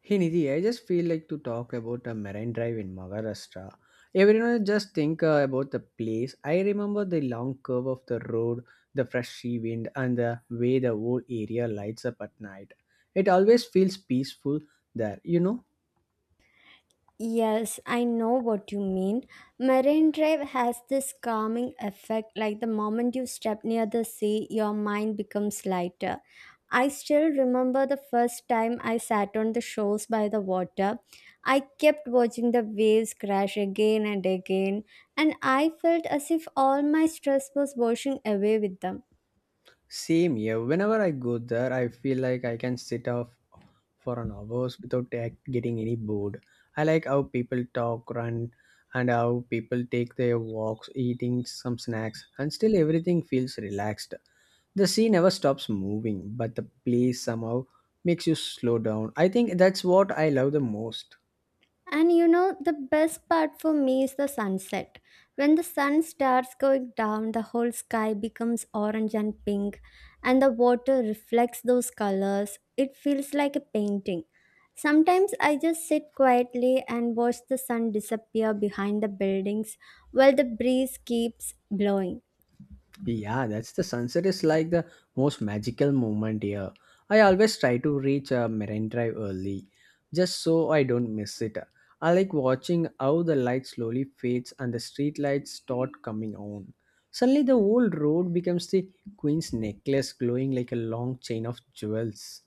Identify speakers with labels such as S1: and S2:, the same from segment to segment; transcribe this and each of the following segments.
S1: Hey Nidhi, I just feel like to talk about a marine drive in Maharashtra. Everyone just think about the place. I remember the long curve of the road, the fresh sea wind, and the way the whole area lights up at night. It always feels peaceful there, you know.
S2: Yes, I know what you mean. Marine Drive has this calming effect, like the moment you step near the sea, your mind becomes lighter. I still remember the first time I sat on the shores by the water. I kept watching the waves crash again and again, and I felt as if all my stress was washing away with them.
S1: Same here. Whenever I go there, I feel like I can sit off for an hours without getting any bored. I like how people talk, run, and how people take their walks, eating some snacks, and still everything feels relaxed. The sea never stops moving, but the place somehow makes you slow down. I think that's what I love the most.
S2: And you know, the best part for me is the sunset. When the sun starts going down, the whole sky becomes orange and pink, and the water reflects those colors. It feels like a painting. Sometimes I just sit quietly and watch the sun disappear behind the buildings while the breeze keeps blowing.
S1: Yeah, that's the sunset is like the most magical moment here. I always try to reach Marine Drive early, just so I don't miss it. I like watching how the light slowly fades and the street lights start coming on. Suddenly, the whole road becomes the Queen's necklace glowing like a long chain of jewels.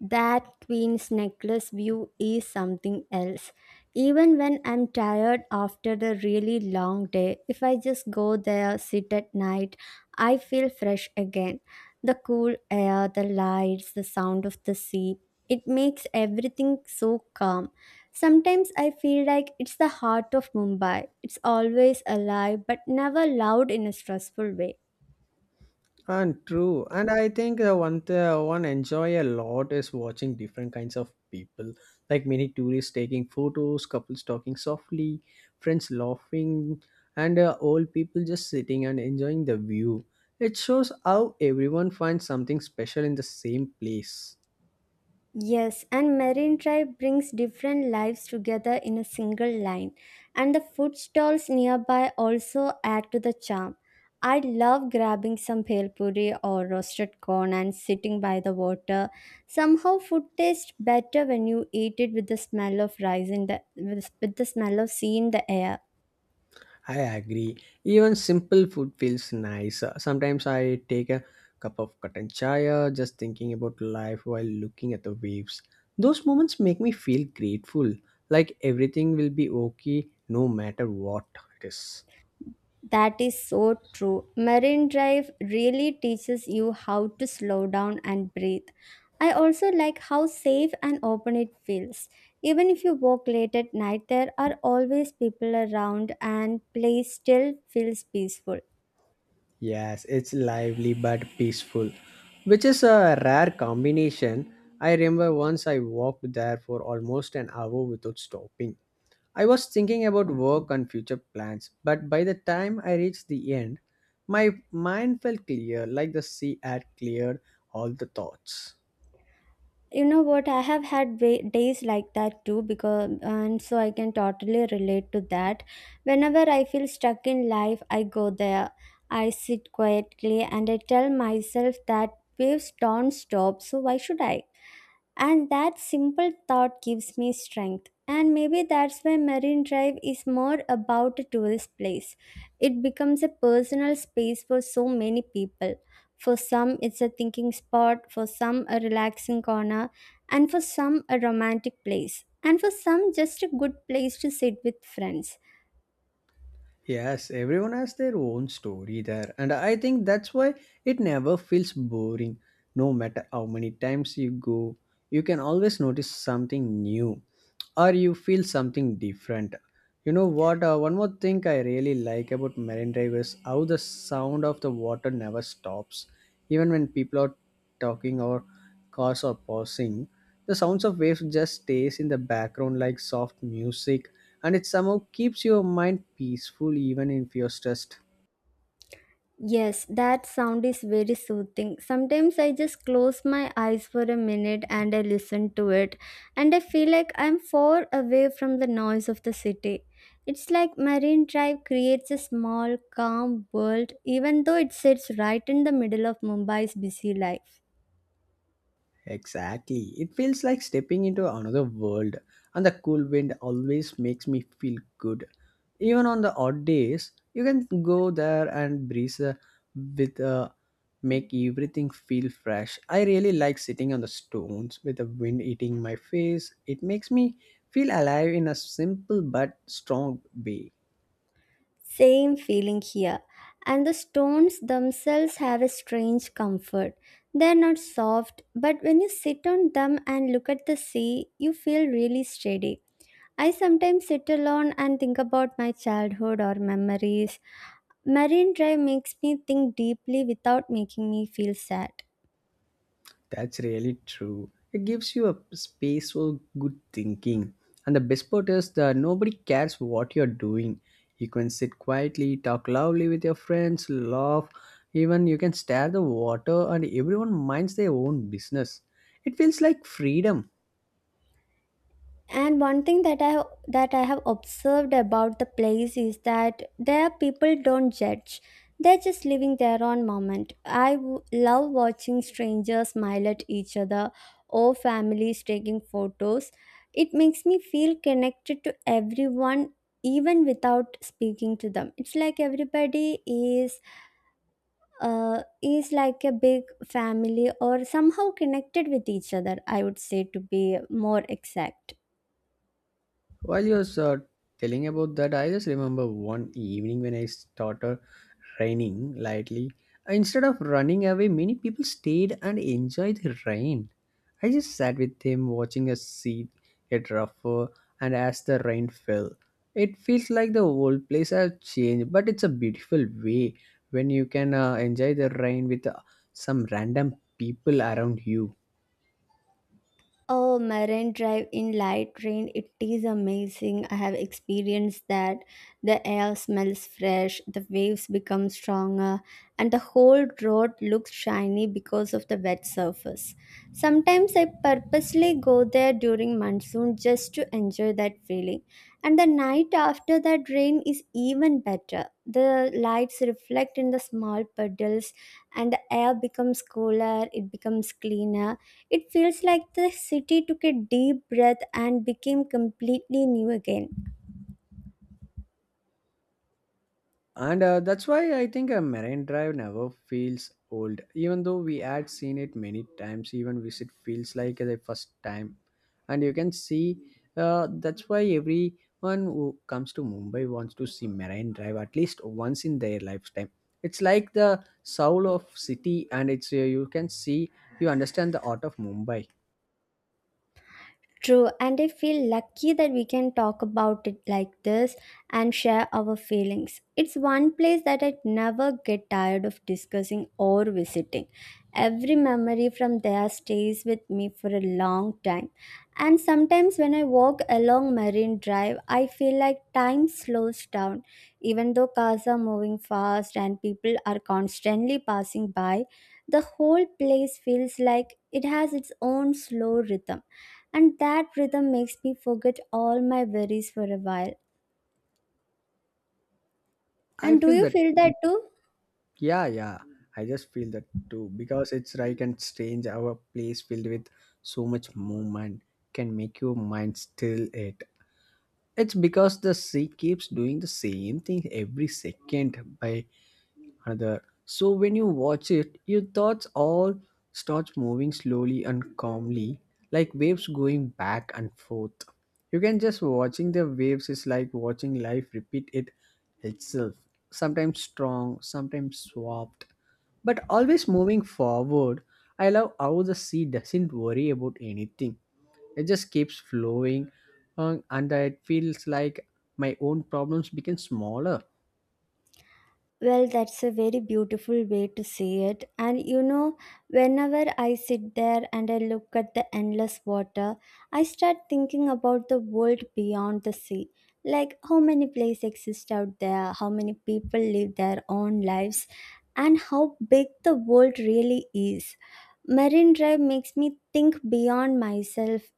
S2: That queen's necklace view is something else. Even when I'm tired after the really long day, if I just go there, sit at night, I feel fresh again. The cool air, the lights, the sound of the sea, it makes everything so calm. Sometimes I feel like it's the heart of Mumbai. It's always alive but never loud in a stressful way.
S1: And true, and I think one enjoy a lot is watching different kinds of people, like many tourists taking photos, couples talking softly, friends laughing, and old people just sitting and enjoying the view. It shows how everyone finds something special in the same place.
S2: Yes, and Marine Drive brings different lives together in a single line, and the food stalls nearby also add to the charm. I love grabbing some bhel puri or roasted corn and sitting by the water. Somehow, food tastes better when you eat it with the smell of rice with the smell of sea in the air.
S1: I agree. Even simple food feels nice. Sometimes I take a cup of cotton chai, just thinking about life while looking at the waves. Those moments make me feel grateful, like everything will be okay no matter what it is.
S2: That is so true. Marine Drive really teaches you how to slow down and breathe. I also like how safe and open it feels. Even if you walk late at night, there are always people around, and place still feels peaceful.
S1: Yes, it's lively but peaceful, which is a rare combination. I remember once I walked there for almost an hour without stopping. I was thinking about work and future plans, but by the time I reached the end, my mind felt clear, like the sea had cleared all the thoughts.
S2: You know what, I days like that too, because and so I can totally relate to that. Whenever I feel stuck in life, I go there, I sit quietly, and I tell myself that waves don't stop, so why should I? And that simple thought gives me strength. And maybe that's why Marine Drive is more about a tourist place. It becomes a personal space for so many people. For some, it's a thinking spot, for some, a relaxing corner, and for some, a romantic place, and for some, just a good place to sit with friends.
S1: Yes, everyone has their own story there, and I think that's why it never feels boring, no matter how many times you go. You can always notice something new or you feel something different. You know what, one more thing I really like about marine drive is how the sound of the water never stops, even when people are talking or cars are pausing. The sounds of waves just stays in the background like soft music, and it somehow keeps your mind peaceful even if you're stressed.
S2: Yes, that sound is very soothing. Sometimes I just close my eyes for a minute and I listen to it, and I feel like I'm far away from the noise of the city. It's like Marine Drive creates a small, calm world, even though it sits right in the middle of Mumbai's busy life.
S1: Exactly. It feels like stepping into another world, and the cool wind always makes me feel good. Even on the odd days, you can go there and breeze with make everything feel fresh. I really like sitting on the stones with the wind eating my face. It makes me feel alive in a simple but strong way.
S2: Same feeling here. And the stones themselves have a strange comfort. They're not soft, but when you sit on them and look at the sea, you feel really steady. I sometimes sit alone and think about my childhood or memories. Marine Drive makes me think deeply without making me feel sad.
S1: That's really true. It gives you a space for good thinking. And the best part is that nobody cares what you're doing. You can sit quietly, talk loudly with your friends, laugh, even you can stare the water and everyone minds their own business. It feels like freedom.
S2: And one thing that I have observed about the place is that there people don't judge, they're just living their own moment. I love watching strangers smile at each other, or families taking photos. It makes me feel connected to everyone, even without speaking to them. It's like everybody is like a big family, or somehow connected with each other, I would say, to be more exact.
S1: While you was telling about that, I just remember one evening when I started raining lightly. Instead of running away, many people stayed and enjoyed the rain. I just sat with them watching a sea get rougher and as the rain fell. It feels like the whole place has changed, but it's a beautiful way when you can enjoy the rain with some random people around you.
S2: Oh, Marine Drive in light rain, it is amazing. I have experienced that. The air smells fresh, the waves become stronger, and the whole road looks shiny because of the wet surface. Sometimes I purposely go there during monsoon just to enjoy that feeling. And the night after that rain is even better. The lights reflect in the small puddles, and the air becomes cooler, it becomes cleaner. It feels like the city took a deep breath and became completely new again.
S1: And that's why I think a marine drive never feels old. Even though we had seen it many times, even visit feels like the first time. And you can see that's why everyone who comes to Mumbai wants to see marine drive at least once in their lifetime. It's like the soul of city, and it's you can see you understand the art of Mumbai.
S2: True, and I feel lucky that we can talk about it like this and share our feelings. It's one place that I'd never get tired of discussing or visiting. Every memory from there stays with me for a long time. And sometimes when I walk along Marine Drive, I feel like time slows down. Even though cars are moving fast and people are constantly passing by, the whole place feels like it has its own slow rhythm, and that rhythm makes me forget all my worries for a while.
S1: I
S2: And do
S1: feel
S2: you
S1: that.
S2: feel that too?
S1: Yeah, yeah. I just feel that too because it's like and strange how a place filled with so much movement can make your mind still it. It's because the sea keeps doing the same thing every second by other. So when you watch it, your thoughts all starts moving slowly and calmly, like waves going back and forth. You can just watching the waves is like watching life repeat it itself. Sometimes strong, sometimes swapped, but always moving forward. I love how the sea doesn't worry about anything. It just keeps flowing, and it feels like my own problems become smaller.
S2: Well, that's a very beautiful way to say it. And you know, whenever I sit there and I look at the endless water, I start thinking about the world beyond the sea. Like how many places exist out there, how many people live their own lives, and how big the world really is. Marine Drive makes me think beyond myself